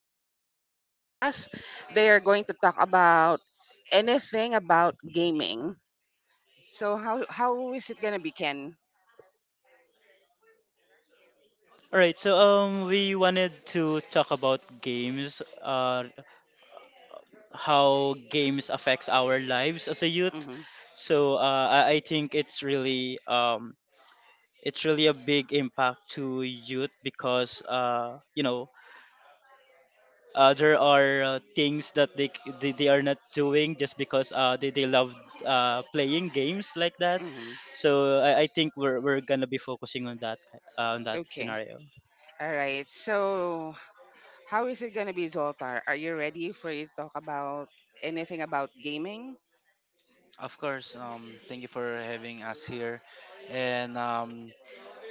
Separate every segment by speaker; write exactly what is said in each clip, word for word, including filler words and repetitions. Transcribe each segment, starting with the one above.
Speaker 1: Zoltar on the line for us. They are going to talk about anything about gaming. So how how is it gonna be, Ken?
Speaker 2: All right, so um, we wanted to talk about games, uh, how games affects our lives as a youth.
Speaker 1: Mm-hmm.
Speaker 2: So uh, I I think it's really um, it's really a big impact to youth because uh, you know uh, there are uh, things that they, c- they they are not doing just because uh, they they love uh, playing games like that.
Speaker 1: Mm-hmm.
Speaker 2: So I, I think we're we're gonna be focusing on that ki- uh, on that
Speaker 1: Okay.
Speaker 2: scenario.
Speaker 1: All right. So how is it gonna be, Zoltar? Are you ready for you to talk about anything about gaming?
Speaker 3: Of course, um, thank you for having us here. And um,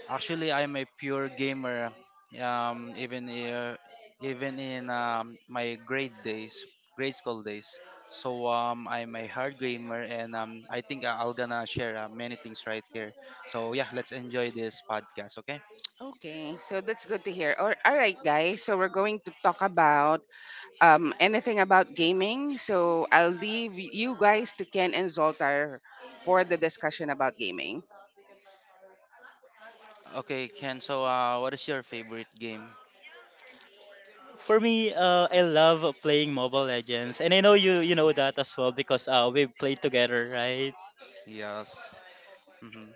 Speaker 3: Actually, I'm a pure gamer. Um, even uh, even in um, my grade days, grade school days. So um, I'm a hard gamer, and um, I think I'll gonna share uh, many things right here. So yeah, let's enjoy this podcast, okay?
Speaker 1: Okay, so that's good to hear. All, all right, guys. So we're going to talk about um, anything about gaming. So I'll leave you guys to Ken and Zoltar for the discussion about gaming.
Speaker 3: Okay, Ken. So uh, what is your favorite game?
Speaker 2: For me, uh, I love playing Mobile Legends, and I know you you know that as well because uh, we played together, right?
Speaker 3: Yes. Mm-hmm.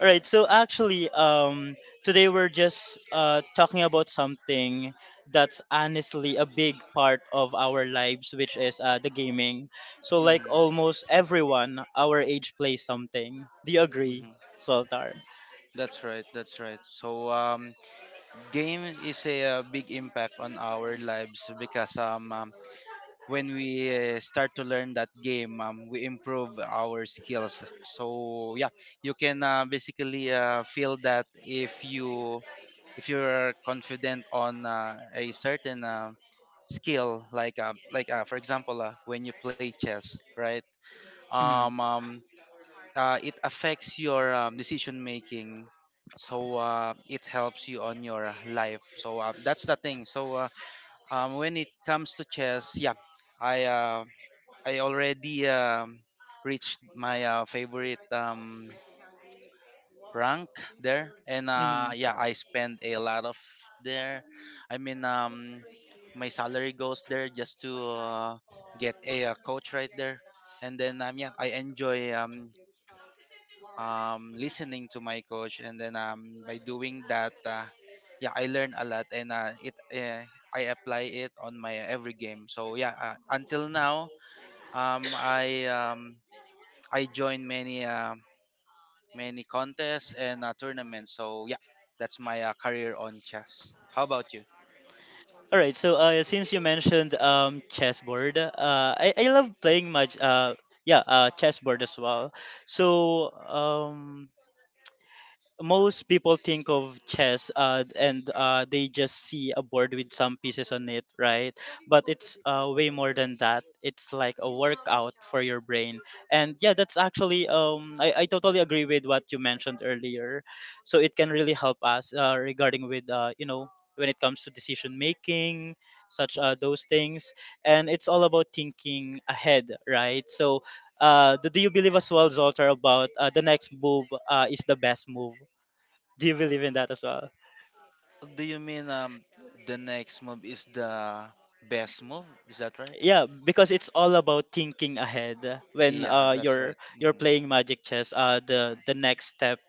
Speaker 2: All right. So actually, um, today we're just uh, talking about something that's honestly a big part of our lives, which is uh, the gaming. So like
Speaker 3: Mm-hmm.
Speaker 2: almost everyone our age plays something. Do you agree, Soltar?
Speaker 3: That's right. That's right. So um, game is a, uh big impact on our lives because um, um when we uh, start to learn that game, um, we improve our skills. So yeah, you can uh, basically uh, feel that if you if you're confident on uh, a certain uh, skill like uh, like uh, for example uh, when you play chess right,
Speaker 2: Mm-hmm.
Speaker 3: um, um uh, it affects your um, decision making, so uh, it helps you on your life, so uh, that's the thing so uh, um, when it comes to chess, yeah, i uh, i already um, reached my uh, favorite um, rank there, and uh,
Speaker 2: Mm-hmm.
Speaker 3: yeah, I spend a lot of there. I mean um, my salary goes there just to uh, get a, uh coach right there. And then um, yeah, I enjoy um, um, listening to my coach, and then um, by doing that, uh, yeah, I learn a lot, and uh, it uh, I apply it on my every game. So yeah, uh, until now, um, I um, I join many uh, many contests and uh, tournaments. So yeah, that's my uh, career on chess. How about you?
Speaker 2: All right. So uh, since you mentioned um, chessboard, uh, I, I love playing much. Uh, yeah, uh, chessboard as well. So um, most people think of chess uh, and uh, they just see a board with some pieces on it, right? But it's uh, way more than that. It's like a workout for your brain. And yeah, that's actually um, I, I totally agree with what you mentioned earlier. So it can really help us uh, regarding with uh, you know when it comes to decision making, such uh, those things. And it's all about thinking ahead, right? So uh, do do you believe as well, Zoltar, about uh, the next move uh, is the best move? Do you believe in that as well?
Speaker 3: Do you mean um, the next move is the best move? Is that right?
Speaker 2: Yeah, because it's all about thinking ahead when
Speaker 3: Yeah,
Speaker 2: uh
Speaker 3: that's right.
Speaker 2: you're you're
Speaker 3: Hmm.
Speaker 2: playing Magic Chess. Uh, the the next step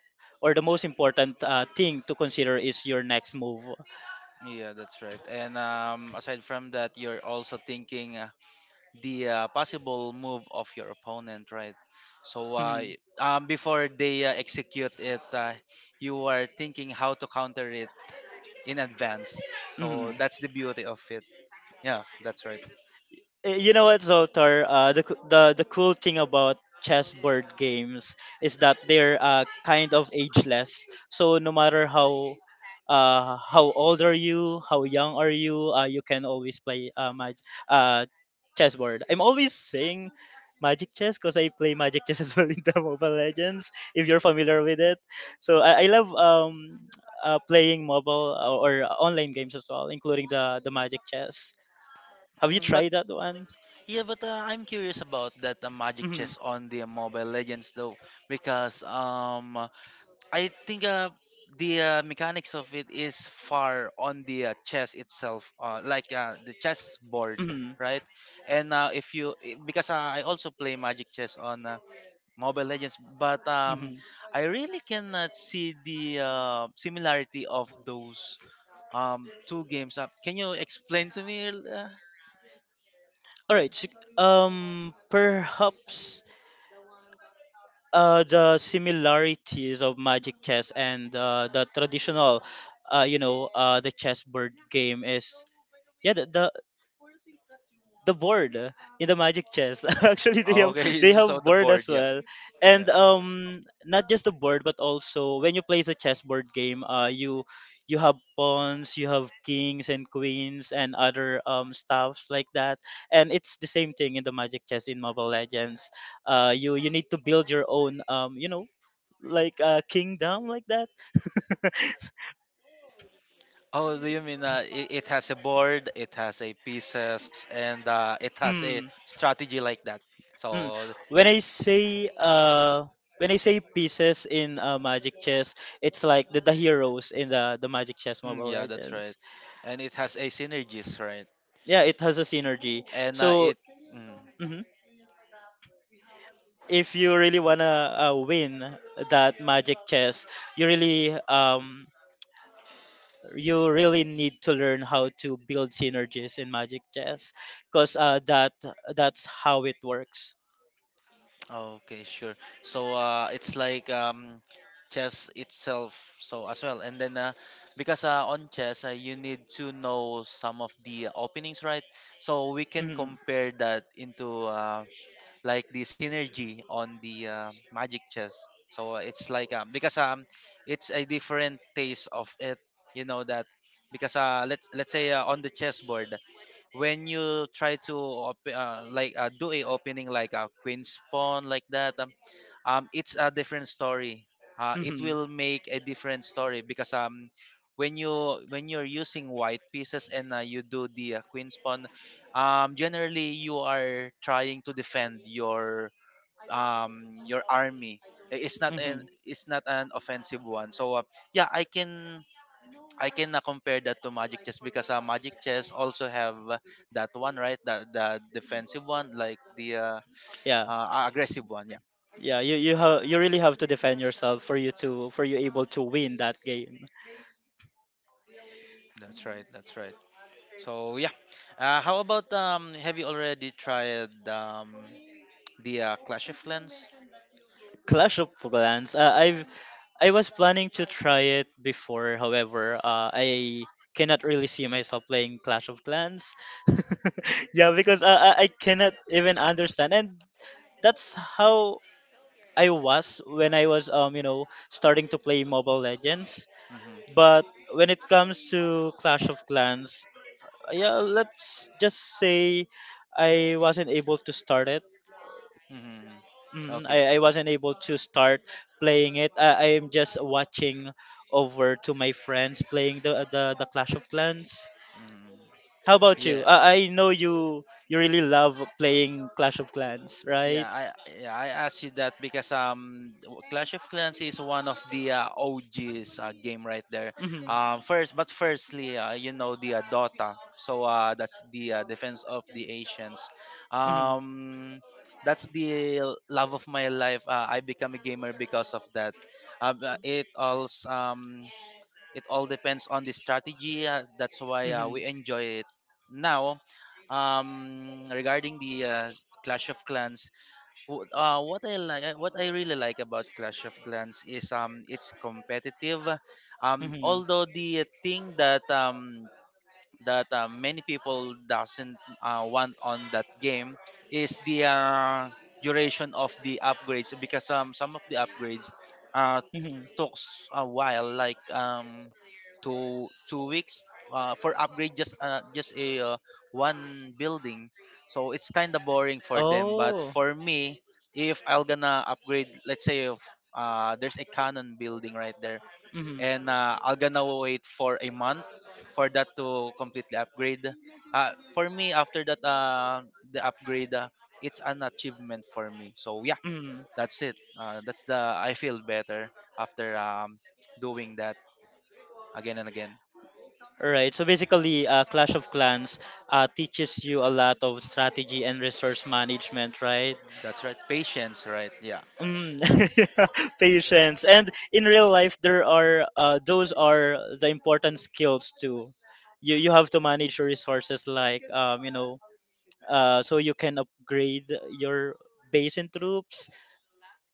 Speaker 2: or the most important uh, thing to consider is your next move.
Speaker 3: Yeah, that's right. And um, aside from that, you're also thinking uh, the uh, possible move of your opponent, right? So uh, y- um, before they uh, execute it, uh, you are thinking how to counter it in advance. So
Speaker 2: Hmm.
Speaker 3: that's the beauty of it. Yeah, that's right.
Speaker 2: Uh, You know what, Zoltar? Uh, the coo- the the cool thing about chessboard games is that they're uh, kind of ageless. So no matter how uh, how old are you, how young are you, uh, you can always play uh, mag- uh, chessboard. I'm always saying Magic Chess because I play Magic Chess as well in the Mobile Legends. If you're familiar with it, so I, I love um, uh, playing mobile or, or online games as well, including the the Magic Chess. Have you
Speaker 3: Mm, but
Speaker 2: tried that one?
Speaker 3: yeah, but uh, I'm curious about that uh, Magic
Speaker 2: Mm-hmm.
Speaker 3: Chess on the Mobile Legends though, because um, I think uh, the uh, mechanics of it is far on the uh, chess itself, uh, like uh, the chess board,
Speaker 2: Mm-hmm.
Speaker 3: right? And uh, if you I- because uh, I also play Magic Chess on uh, Mobile Legends, but um,
Speaker 2: Mm-hmm.
Speaker 3: I really cannot see the uh, similarity of those um, two games. Uh, can you explain to me? Uh,
Speaker 2: All right. So, um, perhaps uh, the similarities of Magic Chess and uh, the traditional, uh, you know, uh, the chessboard game is, yeah, the, the the board uh, in the Magic Chess actually they have
Speaker 3: okay,
Speaker 2: they
Speaker 3: so
Speaker 2: have
Speaker 3: the
Speaker 2: board
Speaker 3: board,
Speaker 2: as
Speaker 3: yeah,
Speaker 2: well. And
Speaker 3: yeah.
Speaker 2: um not just the board but also when you play the chessboard game, uh you you have pawns, you have kings and queens and other um stuffs like that. And it's the same thing in the Magic Chess in Mobile Legends. uh you you need to build your own, um you know like a kingdom like that.
Speaker 3: Oh, do you mean uh, it, it has a board, it has a pieces, and uh, it has a
Speaker 2: Hmm.
Speaker 3: strategy like that?
Speaker 2: Mm.
Speaker 3: So,
Speaker 2: When I say uh when I say pieces in uh, Magic Chess, it's like the, the heroes in the the Magic Chess
Speaker 3: mm,
Speaker 2: Mobile
Speaker 3: yeah, that's right.
Speaker 2: Legends.
Speaker 3: And it has a synergies, right?
Speaker 2: Yeah, it has a synergy.
Speaker 3: And uh,
Speaker 2: So
Speaker 3: it, mm,
Speaker 2: mhm. if you really wanna uh, win that Magic Chess, you really um you really need to learn how to build synergies in Magic Chess, cause uh that that's how it works.
Speaker 3: okay, sure. So uh, it's like um, chess itself, so as well. And then uh, because uh, on chess, uh, you need to know some of the openings, right? So we can
Speaker 2: Hmm.
Speaker 3: compare that into uh, like the synergy on the uh, magic chess. So uh, it's like um, because um it's a different taste of it. You know that, because uh let's let's say uh, on the chessboard, when you try to op- uh, like uh, do a opening like a queen's pawn like that, um, um it's a different story. Uh, it
Speaker 2: Hmm.
Speaker 3: will make a different story because um when you when you're using white pieces and uh, you do the uh, queen's pawn, um generally you are trying to defend your um your army. I- it's not
Speaker 2: Hmm.
Speaker 3: an, it's not an offensive one. So uh, yeah, i can I can uh, compare that to Magic Chess because uh, Magic Chess also have uh, that one, right? That the defensive one, like the uh,
Speaker 2: Yeah.
Speaker 3: uh, aggressive one. Yeah,
Speaker 2: Yeah, you you have you really have to defend yourself for you to for you able to win that game.
Speaker 3: that's right. That's right. So yeah, uh, how about um? Have you already tried um the uh, Clash of Clans?
Speaker 2: Clash of Clans. Uh, I've I was planning to try it before. However, uh, I cannot really see myself playing Clash of Clans. Yeah, because uh, I I cannot even understand, and that's how I was when I was um you know starting to play Mobile Legends.
Speaker 3: Mm-hmm.
Speaker 2: But when it comes to Clash of Clans, yeah, let's just say I wasn't able to start it.
Speaker 3: Mm-hmm.
Speaker 2: Mm,
Speaker 3: Okay.
Speaker 2: I, I wasn't able to start playing it. I, I am just watching over to my friends playing the the, the Clash of Clans.
Speaker 3: Mm.
Speaker 2: How about you?
Speaker 3: Yeah.
Speaker 2: I, I know you you really love playing Clash of Clans,
Speaker 3: Yeah,
Speaker 2: right?
Speaker 3: I yeah, I asked you that because um w- Clash of Clans is one of the uh, O Gs uh, game right there.
Speaker 2: Mm-hmm.
Speaker 3: Um first but firstly, uh, you know the uh, Dota. So uh that's the uh, Defense of the Asians.
Speaker 2: Mm-hmm.
Speaker 3: Um that's the l- love of my life. Uh, I become a gamer because of that. Um, Uh, but it all um It all depends on the strategy. Uh, that's why uh,
Speaker 2: Mm-hmm.
Speaker 3: we enjoy it. Now, um regarding the uh, Clash of Clans, Wh- Uh, what I like, uh, what I really like about Clash of Clans is um, it's competitive. Um,
Speaker 2: Mm-hmm.
Speaker 3: although the thing that um that uh, many people doesn't uh, want on that game is the uh, duration of the upgrades, because um some of the upgrades uh,
Speaker 2: Mm-hmm.
Speaker 3: took s- a while, like um two two weeks uh, for upgrade just uh, just a uh, one building. So it's kind of boring for them. But
Speaker 2: Oh.
Speaker 3: for me, if I'll gonna upgrade, let's say if uh, there's a canon building right there,
Speaker 2: Mm-hmm.
Speaker 3: and uh, I'll gonna wait for a month for that to completely upgrade. Uh, for me, after that uh, the upgrade, uh, it's an achievement for me. So yeah,
Speaker 2: Mm-hmm.
Speaker 3: that's it. Uh, that's the I feel better after um, doing that again and again.
Speaker 2: Right. So basically, uh, Clash of Clans uh, teaches you a lot of strategy and resource management, right?
Speaker 3: That's right. Patience, right? Yeah,
Speaker 2: Mm. Patience. And in real life, there are uh, those are the important skills too. You you have to manage your resources, like um, you know, uh, so you can upgrade your base and troops.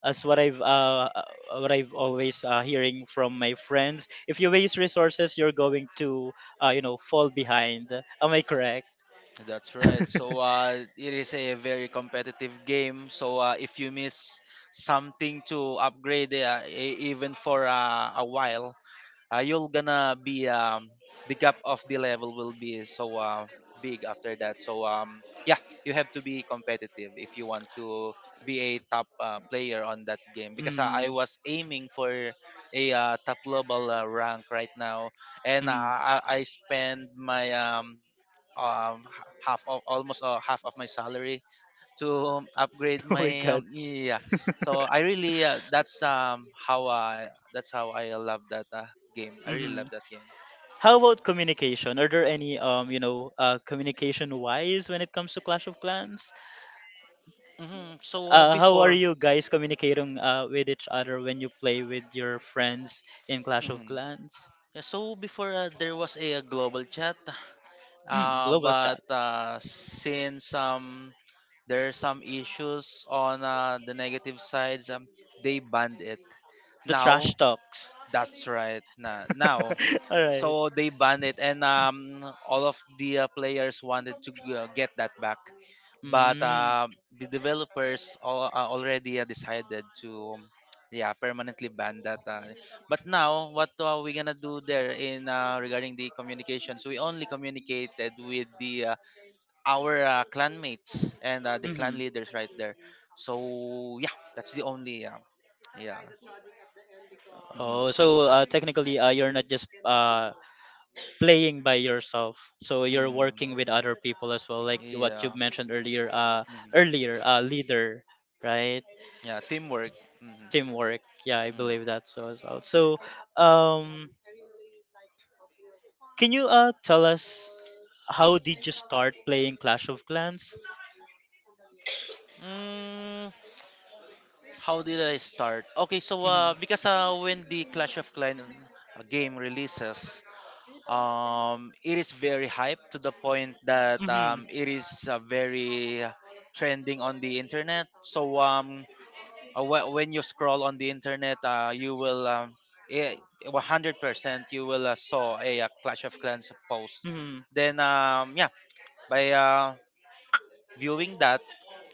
Speaker 2: As what I've uh, uh, what I've always uh, hearing from my friends. If you waste resources, you're going to uh, you know fall behind. Am I correct?
Speaker 3: that's right. So uh, it is a very competitive game. So uh, if you miss something to upgrade, uh, e- even for uh, a while, uh, you'll gonna be um, the gap of the level will be so uh, big after that, so um yeah, you have to be competitive if you want to be a top uh, player on that game, because uh, I
Speaker 2: Mm.
Speaker 3: was aiming for a uh, top global uh, rank right now, and uh,
Speaker 2: Mm.
Speaker 3: i i spend my um um h- half of almost uh, half of my salary to um, upgrade
Speaker 2: Oh my
Speaker 3: my
Speaker 2: god.
Speaker 3: um, yeah. So I really uh, that's um how i that's how I love that uh, game. I really
Speaker 2: Mm-hmm.
Speaker 3: love that game.
Speaker 2: How about communication? Are there any um you know uh communication wise when it comes to Clash of Clans?
Speaker 3: Hmm, so uh,
Speaker 2: Uh, how are
Speaker 3: before,
Speaker 2: you guys communicating uh with each other when you play with your friends in Clash of
Speaker 3: mhm.
Speaker 2: Clans?
Speaker 3: Yeah, so before uh, there was a, uh, global chat,
Speaker 2: Mm.
Speaker 3: uh,
Speaker 2: Global chat,
Speaker 3: but uh, since um there are some issues on uh, the negative sides, um, they banned it
Speaker 2: the trash
Speaker 3: now.
Speaker 2: talks.
Speaker 3: That's right. Na Now,
Speaker 2: All right.
Speaker 3: so they banned it, and um, all of the uh, players wanted to g- uh, get that back, but
Speaker 2: Mm.
Speaker 3: uh, the developers al- uh, already uh, decided to, um, yeah, permanently ban that. Uh, but now, what are we gonna do there in uh, regarding the communications? We only communicated with the uh, our uh, clan mates and uh, the clan
Speaker 2: Mm-hmm.
Speaker 3: leaders right there. So yeah, that's the only uh, yeah. Mhm.
Speaker 2: Oh, so uh, technically, uh, you're not just uh, playing by yourself, so you're
Speaker 3: Mm,
Speaker 2: working with other people as well, like what you
Speaker 3: yeah.
Speaker 2: mentioned earlier, uh
Speaker 3: Mhm.
Speaker 2: earlier uh leader, right?
Speaker 3: Yeah, teamwork. Mhm.
Speaker 2: Teamwork, yeah. I
Speaker 3: Mm.
Speaker 2: believe that so as well. So um can you uh tell us how did you start playing Clash of Clans?
Speaker 3: Mm, how did I start? Okay, so
Speaker 2: Mm-hmm.
Speaker 3: uh, because uh, when the Clash of Clans uh, game releases, um, it is very hyped to the point that
Speaker 2: Mm-hmm.
Speaker 3: um, it is uh, very trending on the internet. So um, uh, wh- when you scroll on the internet, uh, you will um, eh, one hundred percent you will uh, saw a, uh Clash of Clans post.
Speaker 2: Mm-hmm.
Speaker 3: Then um, yeah, by uh, viewing that,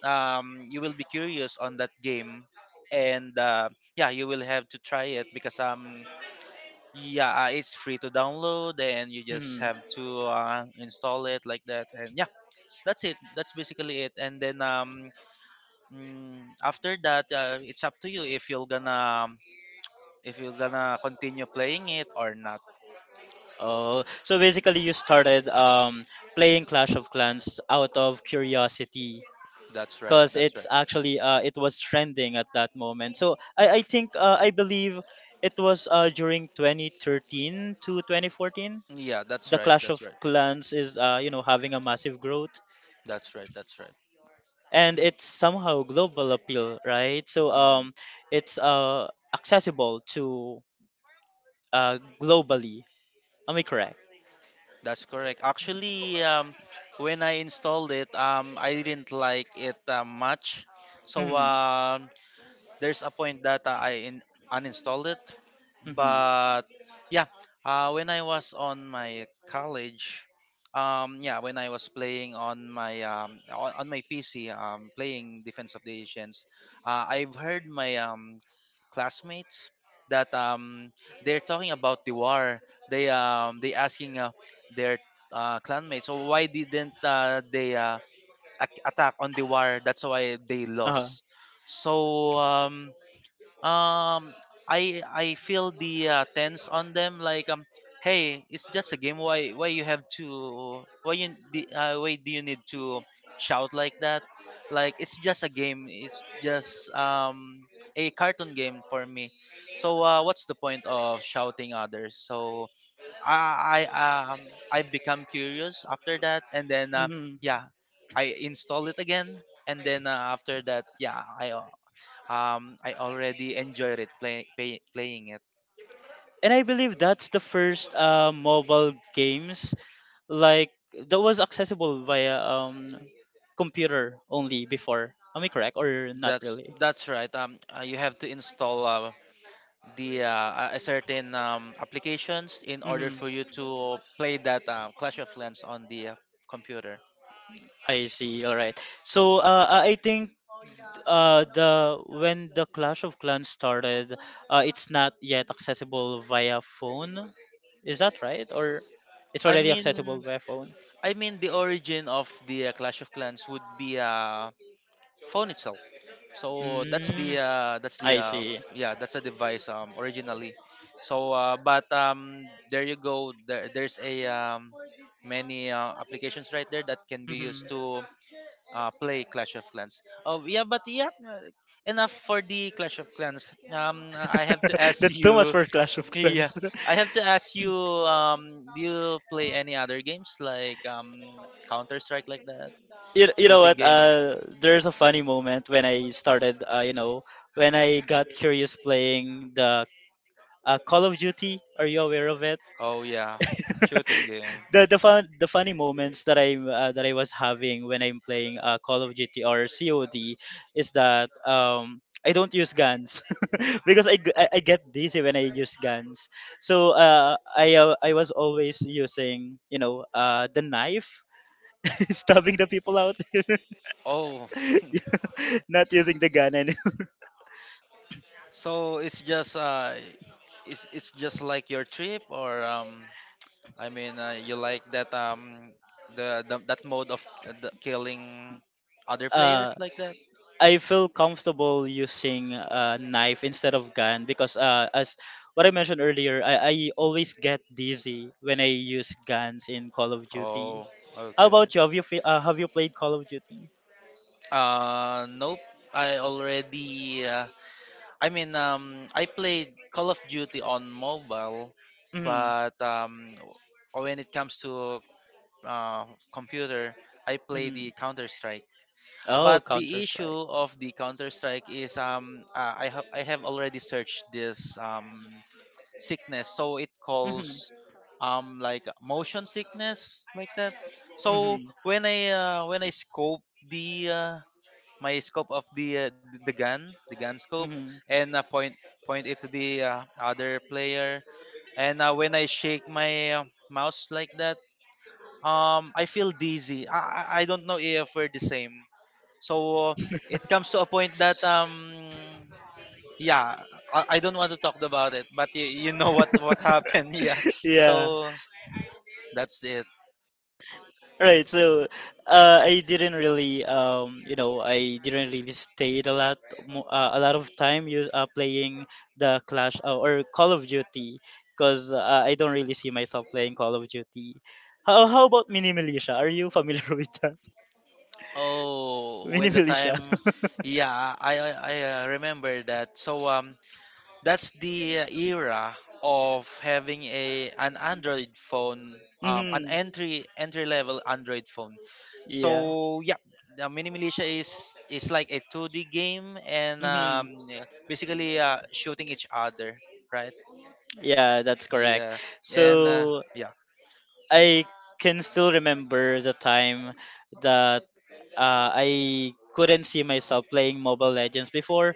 Speaker 3: um, you will be curious on that game, and uh, yeah, you will have to try it because um yeah, uh, it's free to download, and you just
Speaker 2: Mm-hmm.
Speaker 3: have to uh, install it like that, and yeah, that's it. That's basically it. And then um mm, after that uh, it's up to you if you're gonna um, if you're gonna continue playing it or not.
Speaker 2: Oh, so basically you started um playing Clash of Clans out of curiosity
Speaker 3: That's right,
Speaker 2: because
Speaker 3: that's
Speaker 2: it's
Speaker 3: right.
Speaker 2: actually uh, it was trending at that moment. So I, I think uh, I believe it was uh, during twenty thirteen to twenty fourteen.
Speaker 3: Yeah, that's
Speaker 2: The
Speaker 3: right,
Speaker 2: Clash
Speaker 3: that's
Speaker 2: of
Speaker 3: right,
Speaker 2: Clans is uh, you know having a massive growth,
Speaker 3: that's right, that's right.
Speaker 2: and it's somehow global appeal, right? So
Speaker 3: Mm-hmm.
Speaker 2: um, it's uh, accessible to uh, globally. Am I correct?
Speaker 3: That's correct. Actually, um, when I installed it, um, I didn't like it uh, much. So
Speaker 2: Mm-hmm.
Speaker 3: um, there's a point that uh, I in, uninstalled it.
Speaker 2: Mm-hmm.
Speaker 3: But yeah, uh, when I was on my college, um, yeah, when I was playing on my um, on, on my P C, um, playing Defense of the Asians, uh, I've heard my um, classmates that um, they're talking about the war. They um, they asking uh, their uh, clanmates, so why didn't uh, they uh, ac- attack on the war? That's why they
Speaker 2: Uh-huh.
Speaker 3: lost. So um, um i i feel the uh, tense on them like, um hey, it's just a game. why why you have to why you the uh, why do you need to shout like that? Like, it's just a game. It's just um a cartoon game for me. So uh, what's the point of shouting others? So i i um i become curious after that, and then uh,
Speaker 2: Mm-hmm.
Speaker 3: yeah, I install it again, and then uh, after that, yeah, i um I already enjoyed it play, pay, playing it.
Speaker 2: And I believe that's the first uh, mobile games like that was accessible via um computer only before. Am I correct or not
Speaker 3: That's
Speaker 2: really?
Speaker 3: that's right. Um, uh, you have to install uh, the uh, a a certain um, applications in order
Speaker 2: Mm-hmm.
Speaker 3: for you to play that uh, Clash of Clans on the uh, computer.
Speaker 2: I see. All right. So uh, I I think uh, the when the Clash of Clans started, uh, it's not yet accessible via phone. Is that right? Or it's
Speaker 3: I
Speaker 2: already accessible
Speaker 3: mean,
Speaker 2: via phone?
Speaker 3: I mean the origin of the uh, Clash of Clans would be uh, phone itself. So that's the
Speaker 2: Mm,
Speaker 3: uh, that's the
Speaker 2: I
Speaker 3: uh,
Speaker 2: see.
Speaker 3: f- yeah, that's the device um, originally. So uh, but um, there you go. There, there's a um, Many uh, applications right there that can be
Speaker 2: Mm-hmm.
Speaker 3: used to uh, play Clash of Clans. Oh yeah, but yeah, uh, enough for the Clash of Clans. Um, I have to ask
Speaker 2: That's too much
Speaker 3: you.
Speaker 2: for Clash of
Speaker 3: Yeah,
Speaker 2: Clans.
Speaker 3: I have to ask you. Um, do you play any other games like um Counter Strike like that
Speaker 2: you, you know
Speaker 3: shooting
Speaker 2: what?
Speaker 3: game?
Speaker 2: Uh, there's a funny moment when I started. Uh, you know, when I got curious playing the uh, Call of Duty. Are you aware of it?
Speaker 3: Oh yeah, shooting game.
Speaker 2: the the fun the funny moments that I uh, that I was having when I'm playing uh, Call of Duty or cod is that um I don't use guns. because I, g- I- I get dizzy when I use guns. So uh I uh, I was always using you know uh the knife, stabbing the people out,
Speaker 3: Oh,
Speaker 2: not using the gun anymore.
Speaker 3: so it's just uh, it's it's just like your trip, or um, I mean, uh, you like that um, the, the that mode of uh, the killing other players
Speaker 2: uh
Speaker 3: like that.
Speaker 2: I feel comfortable using a knife instead of gun because uh, as what I mentioned earlier, I, I always get dizzy when I use guns in Call of Duty.
Speaker 3: Oh,
Speaker 2: How
Speaker 3: okay.
Speaker 2: about you? Have you fe- uh, have you played Call of Duty?
Speaker 3: Uh, nope. I already. Uh, I mean, um, I played Call of Duty on mobile,
Speaker 2: Mm-hmm.
Speaker 3: but um, when it comes to uh, computer, I play
Speaker 2: Mm-hmm.
Speaker 3: the Counter Strike.
Speaker 2: Oh,
Speaker 3: But
Speaker 2: Counter
Speaker 3: the
Speaker 2: Strike.
Speaker 3: issue of the Counter Strike is um uh, I have I have already searched this um sickness, so it
Speaker 2: Mm-hmm.
Speaker 3: calls um like motion sickness like that. So
Speaker 2: Mm-hmm.
Speaker 3: when I uh, when I scope the uh, my scope of the uh, th- the gun the gun scope
Speaker 2: Mm-hmm.
Speaker 3: and uh, point point it to the uh, other player, and uh, when I shake my uh, mouse like that, um I feel dizzy. I I I don't know if we're the same. So it comes to a point that um yeah, I, I don't want to talk about it, but you, you know what what happened, yeah.
Speaker 2: Yeah.
Speaker 3: So that's it.
Speaker 2: Right, so uh, I didn't really, um, you know, I didn't really stayed a lot, mo- uh, a lot of time you uh, playing the Clash uh, or Call of Duty, because uh, I don't really see myself playing Call of Duty. How how about Mini Militia? Are you familiar with that?
Speaker 3: Oh,
Speaker 2: Mini
Speaker 3: when the
Speaker 2: Militia.
Speaker 3: time yeah, I I, I uh, remember that. So um that's the uh, era of having a an Android phone, um, an
Speaker 2: Hmm.
Speaker 3: entry entry level Android phone.
Speaker 2: Yeah.
Speaker 3: So yeah, the Mini Militia is is like a two D game, and
Speaker 2: Hmm.
Speaker 3: um, yeah, basically uh, shooting each other, right?
Speaker 2: Yeah, that's correct.
Speaker 3: Yeah, and uh,
Speaker 2: So
Speaker 3: yeah,
Speaker 2: I can still remember the time that uh, I couldn't see myself playing Mobile Legends before.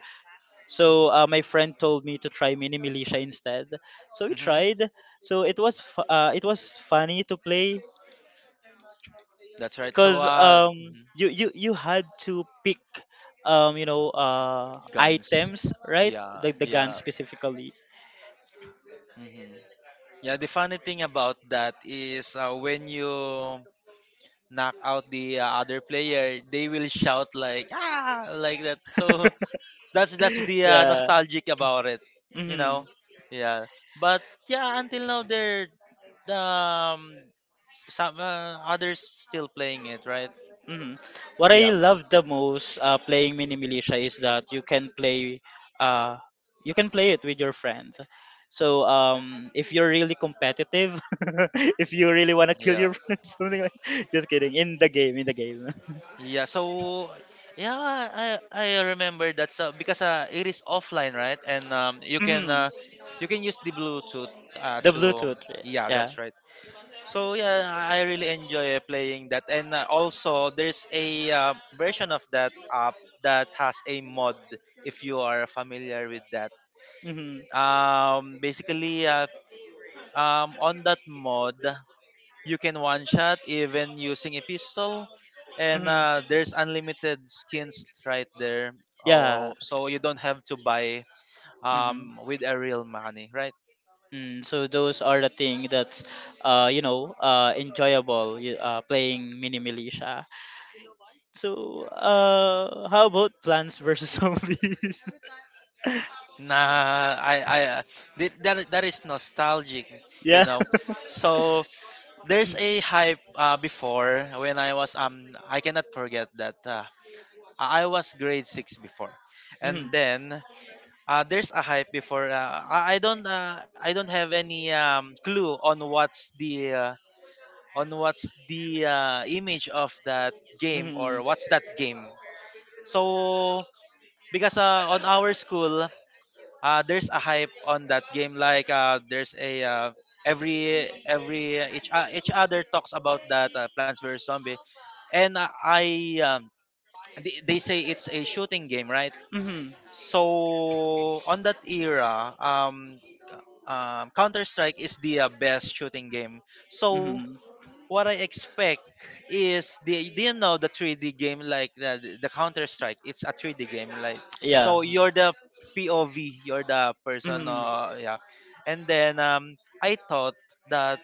Speaker 2: So uh, my friend told me to try mini militia instead. So we
Speaker 3: hmm
Speaker 2: tried. So it was fu- uh, it was funny to play
Speaker 3: that's right. So
Speaker 2: because
Speaker 3: uh,
Speaker 2: um
Speaker 3: mhm,
Speaker 2: you, you you had to pick um you know uh
Speaker 3: guns.
Speaker 2: items, right?
Speaker 3: Yeah,
Speaker 2: The the gun
Speaker 3: yeah.
Speaker 2: specifically.
Speaker 3: hmm Yeah, the funny thing about that is uh, when you knock out the uh, other player, they will shout like ah like that. So, so that's that's the uh,
Speaker 2: Yeah.
Speaker 3: nostalgic about it, you
Speaker 2: Hmm.
Speaker 3: know. Yeah, but yeah, until now there um some uh, others still playing it, right?
Speaker 2: Mhm. What I
Speaker 3: Yeah,
Speaker 2: love the most uh, playing mini militia is that you can play uh you can play it with your friend. So um if you're really competitive, if you really want to kill
Speaker 3: yeah,
Speaker 2: your friend, something like just kidding, in the game, in the game.
Speaker 3: yeah. So yeah, I I remember that. So because uh, it is offline, right? And um, you can
Speaker 2: Hmm.
Speaker 3: uh, you can use the Bluetooth uh,
Speaker 2: The
Speaker 3: to um,
Speaker 2: Bluetooth,
Speaker 3: yeah,
Speaker 2: yeah.
Speaker 3: that's right. So yeah, I really enjoy uh, playing that. And uh, also, there's a uh, version of that app that has a mod. If you are familiar with that,
Speaker 2: Hmm.
Speaker 3: um, basically, uh, um, on that mod, you can one shot even using a pistol, and
Speaker 2: Hmm.
Speaker 3: uh, there's unlimited skins right there.
Speaker 2: Yeah.
Speaker 3: Oh, so you don't have to buy
Speaker 2: Hmm.
Speaker 3: um with a real money, right?
Speaker 2: Mm, so those are the thing that's uh you know uh enjoyable y- uh playing mini militia. So, uh, how about Plants vs Zombies?
Speaker 3: Nah, I, I, uh, th- that, that is nostalgic, you
Speaker 2: Yeah.
Speaker 3: know. So there's a hype uh, before when I was um, I cannot forget that uh, I I was grade six before,
Speaker 2: Mhm.
Speaker 3: and then uh, there's a hype before. Uh, I, I don't, uh, I don't have any um clue on what's the uh, on what's the uh, image of that game or
Speaker 2: Mhm.
Speaker 3: what's that game. So because uh, on our school uh, there's a hype on that game like uh, there's a uh, every every each, uh, each other talks about that uh, plants vs zombie, and uh, i um, they, they say it's a shooting game, right?
Speaker 2: Mhm.
Speaker 3: So on that era, um, um, counter strike is the uh, best shooting game. So
Speaker 2: Mhm.
Speaker 3: what I expect is the do you know the three D game like the the Counter Strike? It's a three D game, like
Speaker 2: Yeah.
Speaker 3: so you're the P O V, you're the person,
Speaker 2: Mhm.
Speaker 3: uh, yeah. And then um, I thought that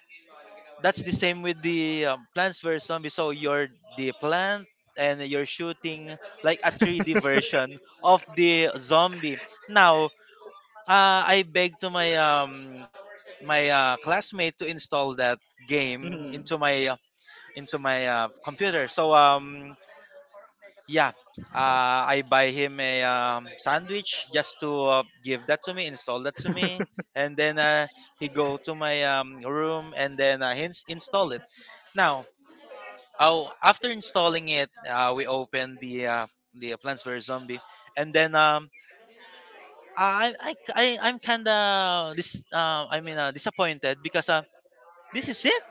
Speaker 3: that's the same with the um, Plants vs Zombies. So you're the plant and you're shooting like a three D version of the zombie. Now uh, I begged to my um my uh, classmate to install that game
Speaker 2: Mhm.
Speaker 3: into my into my uh, computer. So um yeah, uh, I buy him a um, sandwich just to uh, give that to me, install that to me, and then uh, he go to my um, room and then I ins- install it. Now, oh, after installing it, uh, we open the uh, the Plants vs Zombie, and then um, I I I I'm kinda this uh, I mean uh, disappointed because uh, this is it.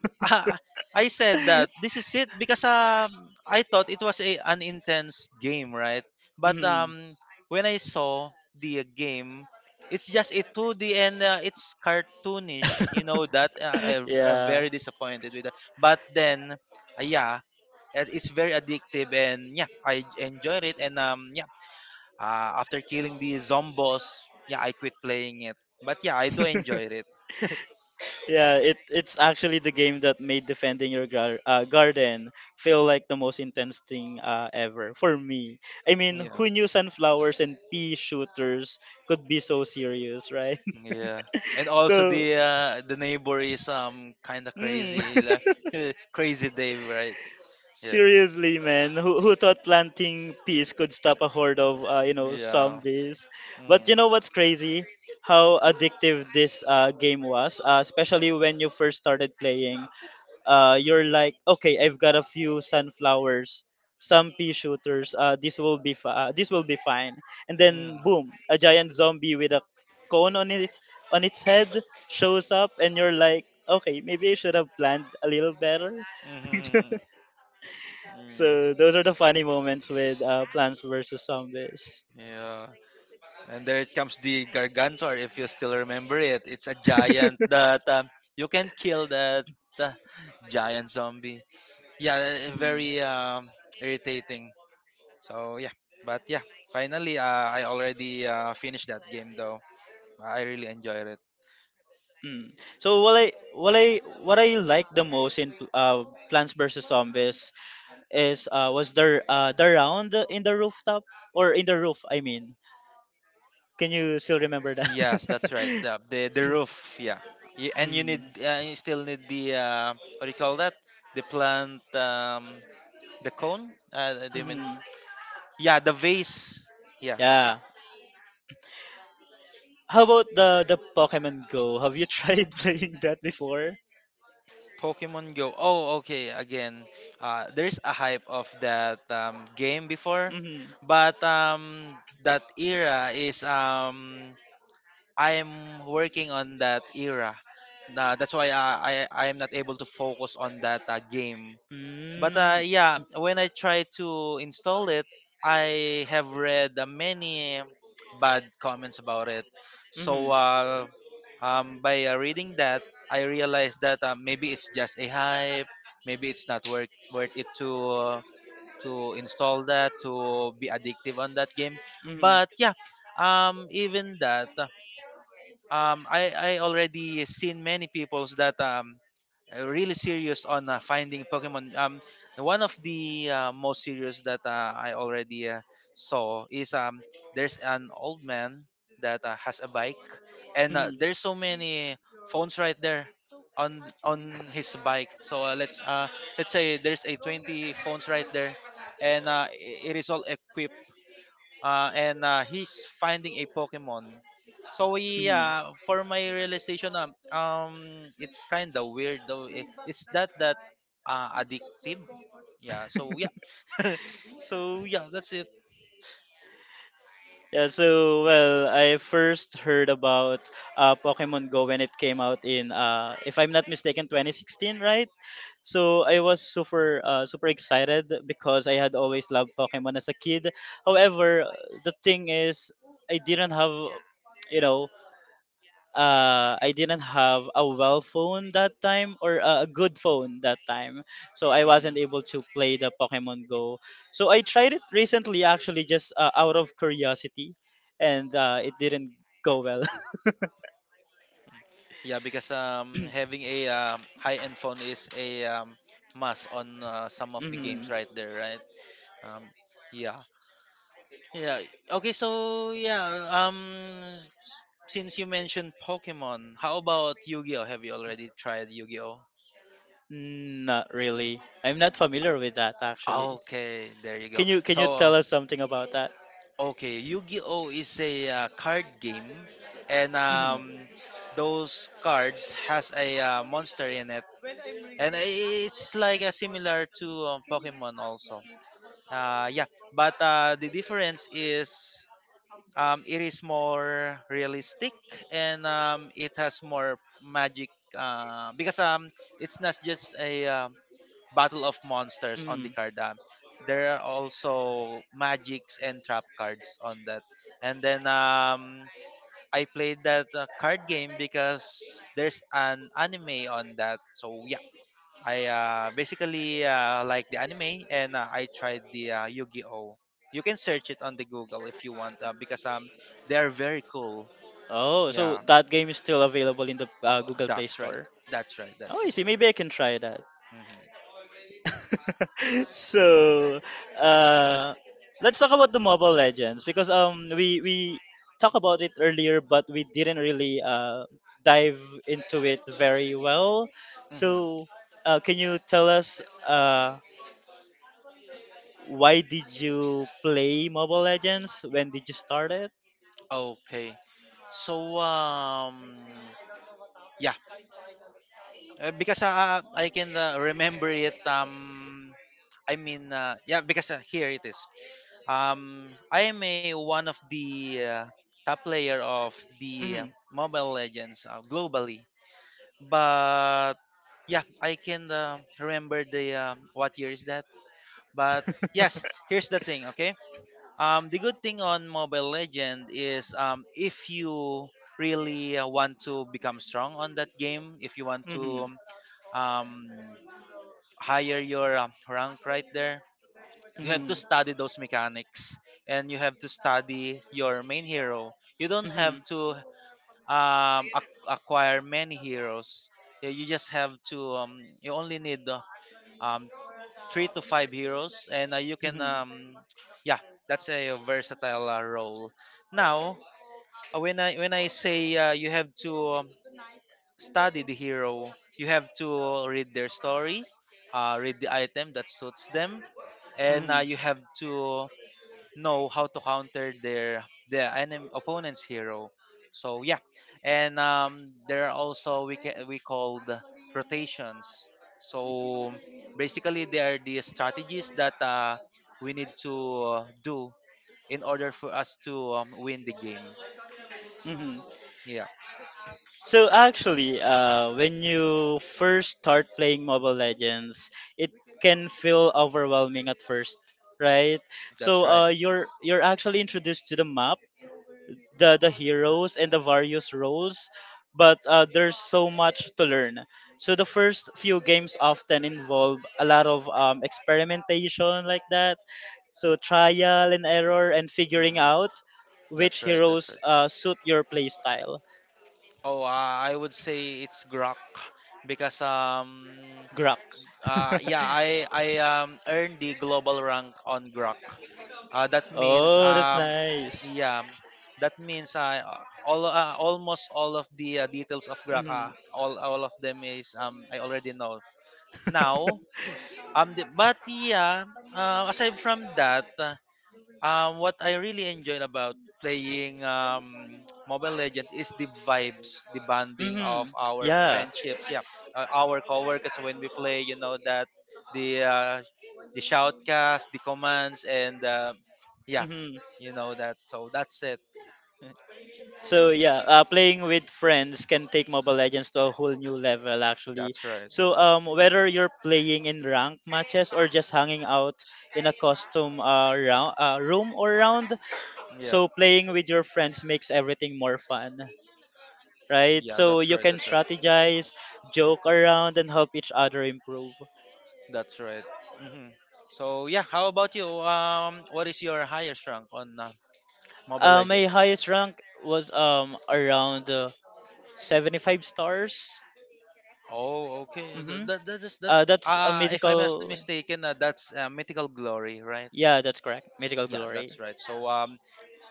Speaker 3: Ah, I said that this is it because um I thought it was a an intense game, right? But
Speaker 2: Mhm.
Speaker 3: um when I saw the uh, game, it's just a two D, and uh, it's cartoonish. You know that uh, I am
Speaker 2: Yeah.
Speaker 3: very disappointed with that. But then, uh, yeah, it- it's very addictive, and yeah, I j- enjoyed it. And um yeah, uh, after killing the zombos, yeah, I quit playing it. But yeah, I do enjoy it.
Speaker 2: Yeah, it it's actually the game that made defending your gar- uh, garden feel like the most intense thing uh, ever for me. I mean,
Speaker 3: yeah.
Speaker 2: who knew sunflowers and pea shooters could be so serious, right?
Speaker 3: Yeah. And also
Speaker 2: So,
Speaker 3: the uh, the neighbor is um kind of
Speaker 2: mm.
Speaker 3: crazy, like crazy Dave, right? Yeah.
Speaker 2: Seriously, man, who, who thought planting peas could stop a horde of uh, you know
Speaker 3: Yeah.
Speaker 2: zombies? But
Speaker 3: Mm.
Speaker 2: you know what's crazy? How addictive this uh, game was, uh, especially when you first started playing. Uh, you're like, okay, I've got a few sunflowers, some pea shooters. Uh, this will be fi- uh, this will be fine. And then
Speaker 3: Mm.
Speaker 2: boom, a giant zombie with a cone on its on its head shows up, and you're like, okay, maybe I should have planned a little better.
Speaker 3: Mm-hmm. Mm.
Speaker 2: So those are the funny moments with uh, Plants vs Zombies.
Speaker 3: Yeah. And there it comes the gargantor. If you still remember it, it's a giant that um, you can kill that uh, giant zombie. Yeah, eh,
Speaker 2: Mhm.
Speaker 3: very um, irritating. So yeah, but yeah, finally uh, I already uh, finished that game though. I really enjoyed it.
Speaker 2: Mm. So what I what I what I like the most in uh, Plants vs Zombies is uh, was the uh, the round in the rooftop or in the roof. I mean, can you still remember that?
Speaker 3: Yes, that's right. The the, the roof, yeah. You, and you need
Speaker 2: Mm.
Speaker 3: uh, you still need the uh, what do you call that? The plant um the cone? Uh, do you mean?
Speaker 2: Hmm.
Speaker 3: Yeah, the vase. Yeah.
Speaker 2: Yeah. How about the the Pokemon Go? Have you tried playing that before?
Speaker 3: Pokemon Go. Oh, okay. Again, uh, there's a hype of that um, game before,
Speaker 2: Mm-hmm.
Speaker 3: but um, that era is um, I'm working on that era. Uh, that's why uh, I I am not able to focus on that uh, game. But uh,
Speaker 2: Mm-hmm.
Speaker 3: yeah, when I try to install it, I have read uh, many bad comments about it.
Speaker 2: Mm-hmm.
Speaker 3: So uh, um, by uh, reading that, I realized that uh, maybe it's just a hype, maybe it's not worth worth it to uh, to install that to be addictive on that game. But yeah, um even that, um i i already seen many peoples that um uh, really serious on uh, finding Pokemon. Um, one of the uh, most serious that uh, I already uh, saw is um, there's an old man that uh, has a bike, and uh,
Speaker 2: Mm-hmm.
Speaker 3: there's so many phones right there on on his bike. So uh, let's uh, let's say there's a twenty phones right there, and uh, i- it is all equipped, uh, and uh, he's finding a Pokemon. So we,
Speaker 2: Mhm.
Speaker 3: uh, for my realization, um, um it's kind of weird though. I- Is that that uh, addictive? Yeah. So yeah. so yeah, that's it.
Speaker 2: Yeah, so well, I first heard about uh, Pokemon Go when it came out in, uh, if I'm not mistaken, twenty sixteen, right? So I was super, uh, super excited because I had always loved Pokemon as a kid. However, the thing is, I didn't have, you know, uh, I didn't have a well phone that time or a good phone that time. So I wasn't
Speaker 3: hmm
Speaker 2: able to play the Pokemon Go. So I tried it recently, actually, just uh, out of curiosity, and uh, it didn't go well.
Speaker 3: Yeah, because um having a um, high end phone is a um, must on uh, some of the games
Speaker 2: Mm.
Speaker 3: right there, right? Um, yeah. Yeah. Okay. So yeah. Um. Since you mentioned Pokemon, how about Yu-Gi-Oh? Have you already tried Yu-Gi-Oh?
Speaker 2: Not really. I'm not familiar with that actually.
Speaker 3: Okay, there you go.
Speaker 2: Can you can you
Speaker 3: So,
Speaker 2: tell us something about that?
Speaker 3: uh, okay, Yu-Gi-Oh is a uh, card game, and
Speaker 2: Hmm.
Speaker 3: um, those cards has a uh, monster in it, and i- it's like uh, similar to um, Pokemon also. Uh, yeah, but uh, the difference is um, it is more realistic, and um, it has more magic uh, because um, it's not just a um battle of monsters on
Speaker 2: Hmm.
Speaker 3: the card. Um, there are also magics and trap cards on that. And then um, I played that uh, card game because there's an anime on that. So yeah, I uh, basically uh, like the anime, and uh, I tried the uh, Yu-Gi-Oh. You can search it on the Google if you want, uh, because um, they are very cool.
Speaker 2: Oh, so
Speaker 3: Yeah,
Speaker 2: that game is still available in the uh, Google Play
Speaker 3: that's right.
Speaker 2: Store.
Speaker 3: That's right.
Speaker 2: Oh,
Speaker 3: That's
Speaker 2: I
Speaker 3: right.
Speaker 2: see. Maybe I can try that.
Speaker 3: hmm
Speaker 2: So uh let's talk about the Mobile Legends because um we we talked about it earlier, but we didn't really uh dive into it very well.
Speaker 3: hmm
Speaker 2: So uh, can you tell us uh why did you play Mobile Legends, when did you start it?
Speaker 3: Okay. So um, yeah, uh, because uh, I can uh, remember it. Um, I mean, uh, yeah, because uh, here it is. Um, I am a one of the uh, top player of
Speaker 2: Mm-hmm.
Speaker 3: the uh, Mobile Legends uh, globally, but yeah, I can uh, remember the um, what year is that. But yes, here's the thing. Okay, um, the good thing on Mobile Legend is um, if you really uh, want to become strong on that game, if you want to um, higher your um, rank right there, you have to
Speaker 2: Mm-hmm.
Speaker 3: study those mechanics, and you have to study your main hero. You don't
Speaker 2: Mm-hmm.
Speaker 3: have to um ac- acquire many heroes. Yeah, you just have to um you only need uh, um three to five heroes, and uh, you can
Speaker 2: Mm-hmm.
Speaker 3: um yeah, that's a versatile uh, role. Now uh, when i when i say uh, you have to um, study the hero, you have to read their story, uh, read the item that suits them, and uh,
Speaker 2: Mhm,
Speaker 3: you have to know how to counter their their enemy opponent's hero. So yeah, and um, there are also we ca- we called rotations. So basically, they are the strategies that uh, we need to uh, do in order for us to um, win the game.
Speaker 2: mhm.
Speaker 3: Yeah,
Speaker 2: So actually, uh, when you first start playing Mobile Legends, it can feel overwhelming at first, right?
Speaker 3: that's
Speaker 2: So
Speaker 3: right.
Speaker 2: uh, you're you're actually introduced to the map, the the heroes and the various roles, but uh, there's so much to learn. So the first few games often involve a lot of um, experimentation like that. So trial and error and figuring
Speaker 3: Mhm.
Speaker 2: out which
Speaker 3: That's right. That's
Speaker 2: heroes
Speaker 3: right.
Speaker 2: uh, suit your playstyle.
Speaker 3: Oh, uh, I would say it's Grok because um
Speaker 2: Grok.
Speaker 3: uh yeah I I um earned the global rank on Grok. Uh, that means
Speaker 2: Oh, that's
Speaker 3: um
Speaker 2: nice.
Speaker 3: yeah, that means uh, all uh, almost all of the uh, details of
Speaker 2: Hmm.
Speaker 3: Graka, all all of them is um I already know. Now um the, but yeah, uh, aside from that, uh, um, what I really enjoyed about playing um, Mobile Legends is the vibes, the bonding of
Speaker 2: Hmm.
Speaker 3: our
Speaker 2: Yeah.
Speaker 3: friendships. Yeah, uh, our coworkers when we play, you know that the uh, the shoutcast, the commands, and uh, yeah,
Speaker 2: Hmm.
Speaker 3: you know that. So that's it.
Speaker 2: So yeah, uh, playing with friends can take Mobile Legends to a whole new level actually.
Speaker 3: That's right.
Speaker 2: So
Speaker 3: That's right.
Speaker 2: um, whether you're playing in ranked matches or just hanging out in a custom uh, round, uh, room or round,
Speaker 3: Yeah,
Speaker 2: so playing with your friends makes everything more fun, right?
Speaker 3: yeah.
Speaker 2: So
Speaker 3: That's
Speaker 2: you
Speaker 3: right.
Speaker 2: can
Speaker 3: That's right.
Speaker 2: strategize, joke around, and help each other improve.
Speaker 3: That's right. hmm So yeah, how about you? Um, what is your highest rank on uh, Mobile
Speaker 2: Uh, my
Speaker 3: Legends?
Speaker 2: highest rank was um around uh, seventy-five stars.
Speaker 3: Oh, okay. Th-
Speaker 2: Mm-hmm.
Speaker 3: That, that is
Speaker 2: Uh,
Speaker 3: that's
Speaker 2: that's a
Speaker 3: uh if I'm not
Speaker 2: mythical.
Speaker 3: mistaken, uh, that's uh, mythical glory, right?
Speaker 2: Yeah, that's correct. Mythical
Speaker 3: Yeah,
Speaker 2: glory.
Speaker 3: that's right. So um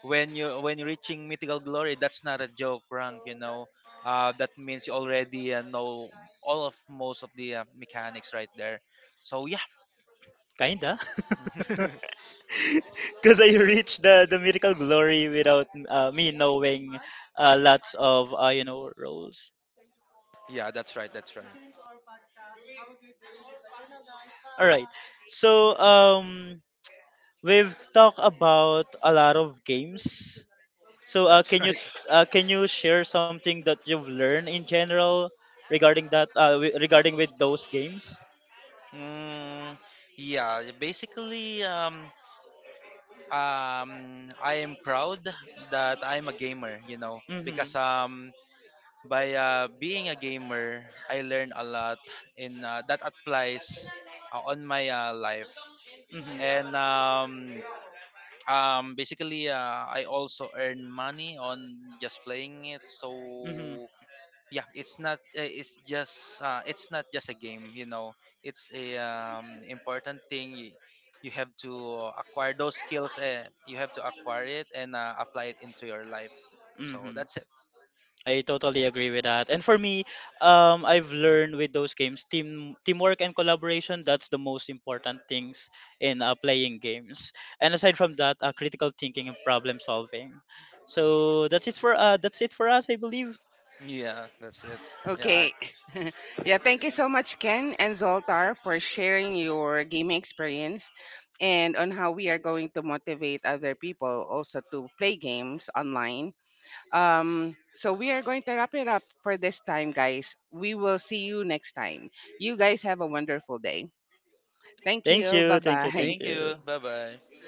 Speaker 3: when you when you're reaching mythical glory, that's not a joke rank, you know. Uh, that means you already uh, know all of most of the uh, mechanics right there. So yeah.
Speaker 2: Kinda. Because I reached the, the miracle glory without uh, me knowing uh, lots of, uh, you know, roles.
Speaker 3: yeah, that's right. That's right.
Speaker 2: All right. So, um, we've talked about a lot of games. So, uh,
Speaker 3: That's
Speaker 2: can you
Speaker 3: right.
Speaker 2: uh, can you share something that you've learned in general regarding that uh, wi- regarding with those games?
Speaker 3: Mm, yeah, basically, um, um, I am proud that I'm a gamer, you know,
Speaker 2: Mm-hmm.
Speaker 3: because um, by uh, being a gamer, I learn a lot in uh, that applies uh, on my uh, life. And
Speaker 2: Mm-hmm.
Speaker 3: um, um, basically, uh, I also earn money on just playing it.
Speaker 2: Mm-hmm.
Speaker 3: So yeah, it's not uh, it's just uh, it's not just a game. You know, it's a um, important thing. You, you have to acquire those skills. Uh, you have to acquire it and uh, apply it into your life. So
Speaker 2: Mm-hmm.
Speaker 3: that's it.
Speaker 2: I totally agree with that. And for me, um, I've learned with those games, team teamwork and collaboration. That's the most important things in uh, playing games. And aside from that, uh, critical thinking and problem solving. So that's it for uh, that's it for us, I believe.
Speaker 3: Yeah, that's it. Yeah,
Speaker 1: Okay. Yeah, thank you so much, Ken and Zoltar, for sharing your gaming experience and on how we are going to motivate other people also to play games online. Um, so we are going to wrap it up for this time, guys. We will see you next time. You guys have a wonderful day. Thank
Speaker 2: Thank
Speaker 1: you. Bye
Speaker 2: you, thank you, thank
Speaker 1: bye.
Speaker 3: thank you.
Speaker 2: you.
Speaker 3: Bye bye.